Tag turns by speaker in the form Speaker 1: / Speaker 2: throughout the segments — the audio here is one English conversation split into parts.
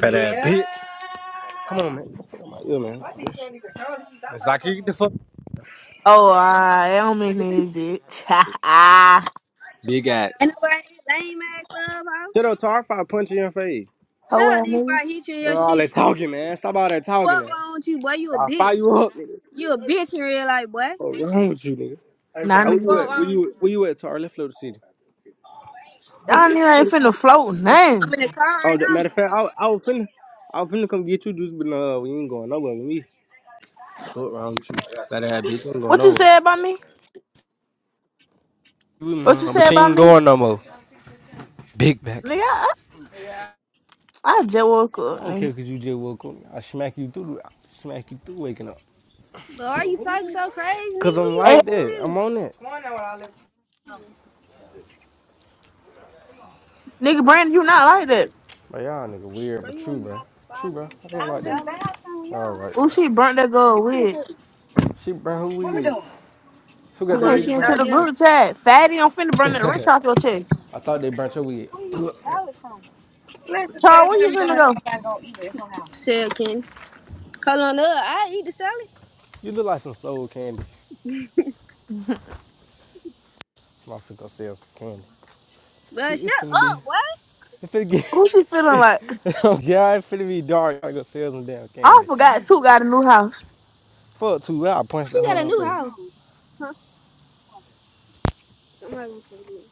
Speaker 1: Fat ass bitch. Come on, man. Come on, yeah, man. It's like you get the fuck.
Speaker 2: Oh, I am in it, bitch.
Speaker 1: Big ass.
Speaker 3: Ain't nobody in this lame ass club, ho.
Speaker 1: Shut up, Tar. I'll punch you in your face.
Speaker 2: oh,
Speaker 3: Shut up,
Speaker 2: well,
Speaker 3: nigga, before
Speaker 2: nigga.
Speaker 3: I hit you in
Speaker 1: Bro,
Speaker 3: your
Speaker 1: all
Speaker 3: shit,
Speaker 1: that
Speaker 3: boy.
Speaker 1: talking, man. Stop all that talking,
Speaker 3: Fuck
Speaker 1: man.
Speaker 3: wrong with you, boy. You a
Speaker 1: I'll fire
Speaker 3: bitch.
Speaker 1: you up, nigga.
Speaker 3: You a bitch in real life, boy.
Speaker 1: What's wrong with you, nigga?
Speaker 2: Nah,
Speaker 1: Ah, Where you
Speaker 2: nigga.
Speaker 3: Fuck
Speaker 1: at? Where
Speaker 3: wrong with
Speaker 1: you
Speaker 3: you.
Speaker 1: Where you at, Tar? Let's float the city.
Speaker 2: Y'all nigga ain't finna float nothing.
Speaker 3: I'm in the car
Speaker 1: Oh,
Speaker 3: right
Speaker 1: that,
Speaker 3: now.
Speaker 1: matter of fact, I, I was finna. I was finna come get you, dudes, but no, we ain't going nowhere with me. What wrong with you? Fat ass bitch, you ain't going
Speaker 2: What you
Speaker 1: nowhere.
Speaker 2: said about me?
Speaker 1: You with
Speaker 2: What you
Speaker 1: huh? But
Speaker 2: said
Speaker 1: you
Speaker 2: about
Speaker 1: ain't
Speaker 2: me?
Speaker 1: going no more. Big back.
Speaker 2: Nigga, I, I just woke
Speaker 1: I
Speaker 2: up,
Speaker 1: don't care
Speaker 2: nigga.
Speaker 1: 'cause you just woke up. I smack you through. I smack you through waking up.
Speaker 3: But why you talking so crazy,
Speaker 1: Cause
Speaker 3: nigga? Who
Speaker 1: I'm
Speaker 3: you
Speaker 2: Hey,
Speaker 1: like
Speaker 3: think
Speaker 1: that.
Speaker 3: you
Speaker 1: I'm
Speaker 3: is?
Speaker 1: on that. Come on now, with all that.
Speaker 2: nigga, Brandon, you not like that.
Speaker 1: Bro, y'all nigga weird, but true, bro. True, bro. I ain't like that. All right,
Speaker 2: Oh,
Speaker 1: bro.
Speaker 2: she burnt that girl with.
Speaker 1: She burnt who weed. Who got
Speaker 3: You
Speaker 1: that
Speaker 2: Okay,
Speaker 3: gonna
Speaker 2: she
Speaker 1: weed
Speaker 2: into
Speaker 3: start
Speaker 1: burnt?
Speaker 2: the
Speaker 3: doing
Speaker 2: group chat. Fatty, I'm finna burn that rich off your chest.
Speaker 1: I thought they burnt your weed.
Speaker 2: Char, where you finna go?
Speaker 3: the sale, Kenny. Hold on up. I eat the salad.
Speaker 1: you look like some soul candy. i My finna go sell some candy. See,
Speaker 3: But shut
Speaker 1: it's finna be.
Speaker 3: up, boy.
Speaker 1: It finna get.
Speaker 2: Who she feeling like?
Speaker 1: oh it's it finna be dark. I go sell some damn
Speaker 2: I
Speaker 1: candy.
Speaker 2: forgot, too, got a new house.
Speaker 1: Fuck two. I punched that
Speaker 3: She
Speaker 1: hoe
Speaker 3: got
Speaker 1: in
Speaker 3: a
Speaker 1: her
Speaker 3: new
Speaker 1: face.
Speaker 3: house. Huh? Somebody gonna come get it.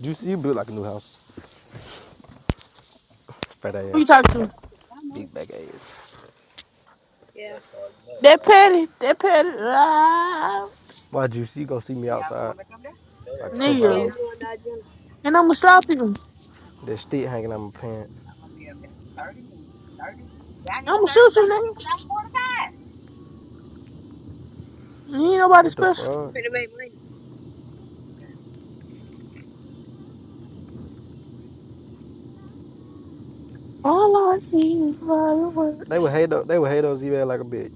Speaker 1: Juicy, you built like a new house. Fat
Speaker 2: Who you
Speaker 1: ass,
Speaker 2: talk to?
Speaker 1: big back ass.
Speaker 3: Yeah.
Speaker 2: That petty. That petty. Ah,
Speaker 1: Why Juicy? You gonna see me outside like cover
Speaker 3: Yeah,
Speaker 1: out.
Speaker 2: nigga.
Speaker 3: we going to gym.
Speaker 2: And I'ma slap you.
Speaker 1: That stick hanging out my pants.
Speaker 2: I'm gonna shoot you, nigga. You ain't nobody
Speaker 1: What the
Speaker 2: special.
Speaker 3: We
Speaker 1: fuck?
Speaker 3: finna make money.
Speaker 2: All I see is
Speaker 1: They
Speaker 2: fireworks.
Speaker 1: would hate those, they would hate those email like a bitch.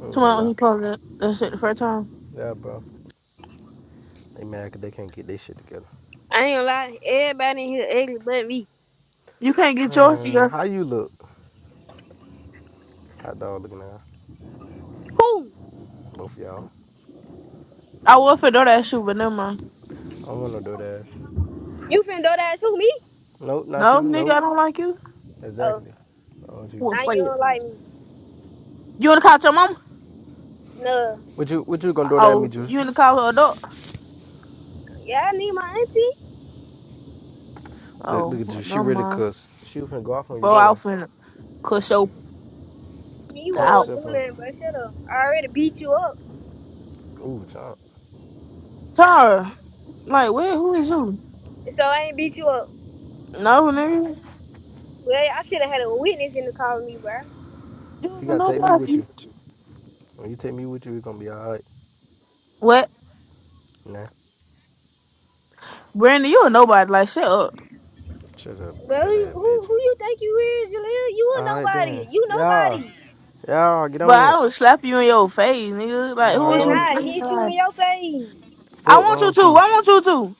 Speaker 1: I ain't gonna
Speaker 2: Tomorrow
Speaker 1: lie.
Speaker 2: he posted that that shit the first time.
Speaker 1: Yeah, bro. They mad 'cause they can't get their shit together.
Speaker 3: I ain't gonna lie. Everybody in here ugly but me.
Speaker 2: You can't get yours,
Speaker 1: Man,
Speaker 2: girl.
Speaker 1: how you look? Hot dog looking at her.
Speaker 3: Who?
Speaker 1: both of y'all.
Speaker 2: I was for know that shoe, but never mind.
Speaker 1: I don't want no DoorDash.
Speaker 3: You finna do that to me?
Speaker 1: Nope, not
Speaker 2: No,
Speaker 1: you.
Speaker 2: nigga,
Speaker 1: Nope.
Speaker 2: I don't like you.
Speaker 3: Oh.
Speaker 1: Exactly. I want you.
Speaker 2: We'll
Speaker 3: Now
Speaker 2: say
Speaker 3: you don't
Speaker 2: it.
Speaker 3: like me.
Speaker 2: You in the car with your mama?
Speaker 3: No.
Speaker 1: What you what you gonna do that at me,
Speaker 2: Oh, you
Speaker 1: Juicy?
Speaker 2: in the car with her dog?
Speaker 3: Yeah, I need my auntie.
Speaker 1: Look, look
Speaker 2: Oh,
Speaker 1: at you.
Speaker 2: well,
Speaker 1: She
Speaker 2: never
Speaker 1: ready to
Speaker 2: mind.
Speaker 1: cuss. She was finna go off on you,
Speaker 2: Bro, I'll
Speaker 1: though.
Speaker 2: finna cuss your
Speaker 3: Me, you wanna
Speaker 1: Punk
Speaker 3: go
Speaker 2: out.
Speaker 1: self
Speaker 3: do
Speaker 1: up.
Speaker 3: nothing, but shut up. I already beat you up.
Speaker 1: Ooh, John.
Speaker 2: Tara, like, where? Who is you?
Speaker 3: So I ain't beat you up.
Speaker 2: No, nigga.
Speaker 3: Well, I should have had a witness in the car with me, bro.
Speaker 2: You
Speaker 1: You
Speaker 2: ain't a
Speaker 1: gotta take me with
Speaker 2: nobody.
Speaker 1: you. When you take me with you, it's gonna be alright.
Speaker 2: What?
Speaker 1: Nah.
Speaker 2: Brandy, you a nobody. Like, shut up.
Speaker 1: Shut up,
Speaker 3: Bro, who,
Speaker 1: fat ass bitch.
Speaker 3: who who you think you is, Jaleel? You a
Speaker 1: Alright then.
Speaker 3: nobody. You
Speaker 1: Y'all,
Speaker 3: nobody.
Speaker 1: y'all, get
Speaker 2: But
Speaker 1: on
Speaker 2: I
Speaker 1: it.
Speaker 2: would slap you in your face, nigga. Like,
Speaker 1: I
Speaker 2: who is
Speaker 3: When
Speaker 2: you?
Speaker 1: know
Speaker 3: I hit you in
Speaker 2: Like,
Speaker 3: your face.
Speaker 2: I
Speaker 1: foot
Speaker 2: want
Speaker 1: wrong
Speaker 2: you to.
Speaker 1: with
Speaker 2: I
Speaker 1: you.
Speaker 2: want you to.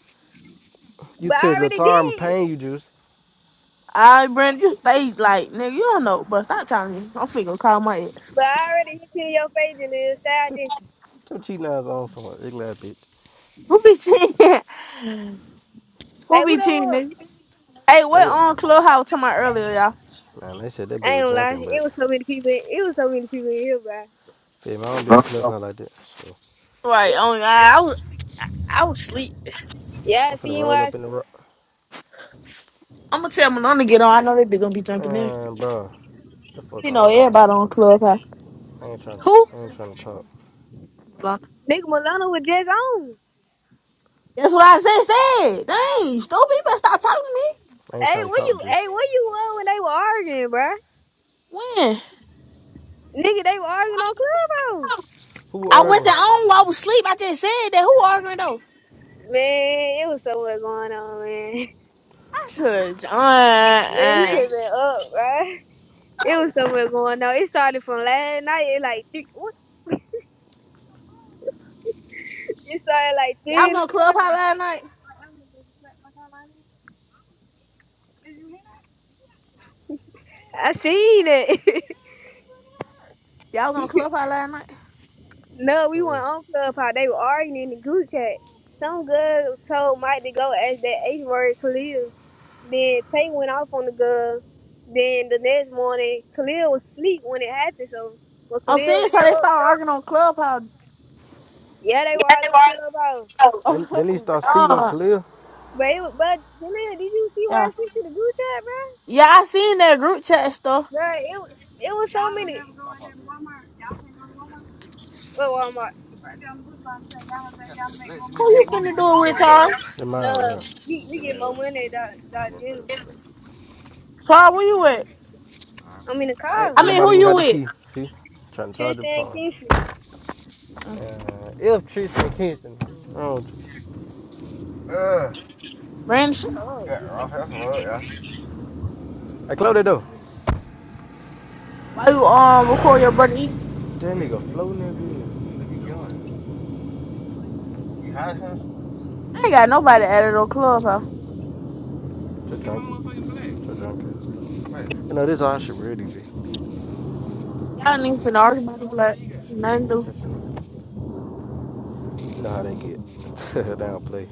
Speaker 1: You
Speaker 3: But
Speaker 1: touch
Speaker 3: I
Speaker 1: little
Speaker 3: already
Speaker 1: tar I'm
Speaker 3: did.
Speaker 1: paying you juice.
Speaker 2: I Brandon, you stay like, nigga, you don't know, but stop telling me. I'm finna call my ass.
Speaker 3: But I already hit you in your face, Jaleel. Say I
Speaker 1: Stop
Speaker 3: did.
Speaker 1: stop cheating eyes on for my ugly ass bitch.
Speaker 2: Who be cheating?
Speaker 3: Hey,
Speaker 2: Who
Speaker 3: who
Speaker 2: be
Speaker 3: that
Speaker 2: cheating,
Speaker 3: was?
Speaker 2: nigga? Hey,
Speaker 1: That
Speaker 2: what
Speaker 1: what
Speaker 2: on Clubhouse to my earlier, y'all?
Speaker 1: man, they said that bitch
Speaker 3: I ain't
Speaker 1: was
Speaker 3: gonna
Speaker 1: jumping,
Speaker 3: lie. It
Speaker 1: but
Speaker 3: was so many people. It was so many people in here, bro.
Speaker 1: feel me, I don't be on
Speaker 2: Huh?
Speaker 1: clubhouse like that. So
Speaker 2: Right, on I, I was I was sleep.
Speaker 3: Yeah, I
Speaker 1: I'm finna
Speaker 3: seen
Speaker 1: roll
Speaker 3: why. I-
Speaker 1: up in
Speaker 3: s-
Speaker 1: the rock.
Speaker 2: I'm gonna tell Malone to get on. I know they be gonna be jumping in.
Speaker 1: Man, bro, the fuck
Speaker 2: You know
Speaker 1: on, bro.
Speaker 2: everybody on Clubhouse.
Speaker 1: I ain't trying to
Speaker 3: Who?
Speaker 1: I ain't trying to talk.
Speaker 2: Malone.
Speaker 3: Nigga Milano was just on.
Speaker 2: That's what I said. Said, dang, stupid, you better stop telling me.
Speaker 1: I ain't
Speaker 3: Hey,
Speaker 1: trying to
Speaker 3: what
Speaker 1: talk
Speaker 3: you? Hey,
Speaker 1: juice.
Speaker 3: what you were when they were arguing, bruh?
Speaker 2: When?
Speaker 3: Nigga, they were arguing on Clubhouse.
Speaker 1: Who
Speaker 2: I wasn't
Speaker 1: arguing?
Speaker 2: on while I was asleep. I just said that. Who arguing though?
Speaker 3: Man, it was so much going on, man.
Speaker 2: Cause
Speaker 3: Man, you should
Speaker 2: uh,
Speaker 3: have been up, bruh. It
Speaker 2: uh
Speaker 3: was so much going on. It started from last night. It like three, what? It started like
Speaker 2: Y'all
Speaker 3: three
Speaker 2: was
Speaker 3: in the
Speaker 2: on Clubhouse
Speaker 3: morning.
Speaker 2: last night.
Speaker 3: I seen it.
Speaker 2: Y'all was on Clubhouse last night.
Speaker 3: No, we went
Speaker 1: Mm-mm.
Speaker 3: on Club How They were arguing in the group chat. Some girl told Mike to go ask that H word Khalil. Then Tay went off on the girl. Then the next morning, Khalil was asleep when it happened. So when
Speaker 2: I'm
Speaker 3: Khalil
Speaker 2: seeing
Speaker 3: woke
Speaker 2: so they started
Speaker 3: up,
Speaker 2: arguing on Clubhouse.
Speaker 3: yeah, they were arguing on Club
Speaker 1: They, they need to start speaking on
Speaker 2: Oh,
Speaker 1: Khalil.
Speaker 3: But it was, but Jaleel, did you see what I
Speaker 2: yeah.
Speaker 3: sent to the group chat, bro?
Speaker 2: yeah, I seen that group chat stuff.
Speaker 3: Bro, it was it was so many. Well, Walmart.
Speaker 2: Who you finna do it with, Charles?
Speaker 1: They're mine right
Speaker 3: No,
Speaker 1: here.
Speaker 3: we, we get more money than than Jim.
Speaker 2: Charles, where you with?
Speaker 3: I'm in the
Speaker 1: Ain't
Speaker 3: car.
Speaker 2: I mean, who
Speaker 1: nobody even
Speaker 2: you
Speaker 1: got the
Speaker 2: with?
Speaker 1: key. See? I'm Trying to charge the
Speaker 3: Tristan
Speaker 1: phone.
Speaker 3: Kingsley.
Speaker 2: Mm,
Speaker 1: Uh, if Tristan Kingston. I don't.
Speaker 2: Brandon,
Speaker 1: I close that door.
Speaker 2: Why you um record your brother eat?
Speaker 1: That nigga floating that bitch.
Speaker 2: I ain't got nobody added on Clubhouse.
Speaker 1: Too drunk. Too drunk. You know, this all shit really, be.
Speaker 2: Y'all niggas finna argue about the black. Nothing new.
Speaker 1: You know how they get. they don't play.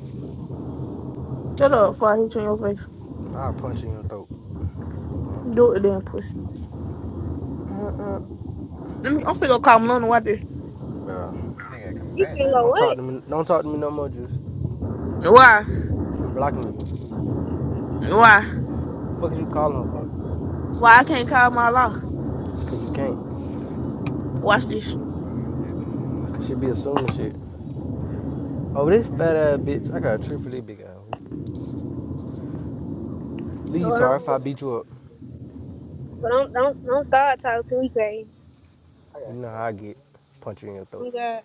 Speaker 2: Shut up before I hit you in your face.
Speaker 1: I'll punch you in your throat.
Speaker 2: Do it then, pussy. Let me, I'm finna go call Malona. Why this?
Speaker 1: Bro,
Speaker 3: You finna go
Speaker 1: don't talk
Speaker 3: what?
Speaker 1: to me. Don't talk to me no more, Juice.
Speaker 2: Why?
Speaker 1: I'm blocking you.
Speaker 2: Why?
Speaker 1: Fuck is you calling her for?
Speaker 2: Why I can't call my law?
Speaker 1: Cause you can't.
Speaker 2: Watch this.
Speaker 1: Cause she be assuming shit. Oh, this fat ass bitch. I got a trick for this big ass hoe. Leave,
Speaker 3: Hold
Speaker 1: Tar. If I
Speaker 3: on.
Speaker 1: beat you up,
Speaker 3: But don't don't don't start talking to me crazy.
Speaker 1: you know how I get. Punch you in your throat.
Speaker 3: I'm God.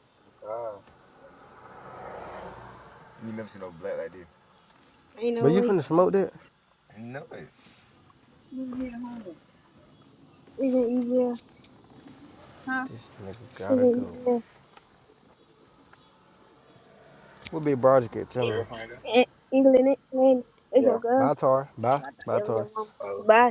Speaker 3: Ain't
Speaker 1: But
Speaker 3: no
Speaker 1: you
Speaker 3: way.
Speaker 1: finna smoke that?
Speaker 3: Isn't easier.
Speaker 1: This nigga gotta go.
Speaker 3: Isn't easier.
Speaker 1: We'll be Broderick. Tell me.
Speaker 3: Eh, England, man. It's your girl.
Speaker 1: Bye, Tar. Bye. Bye, Tar.
Speaker 3: Bye.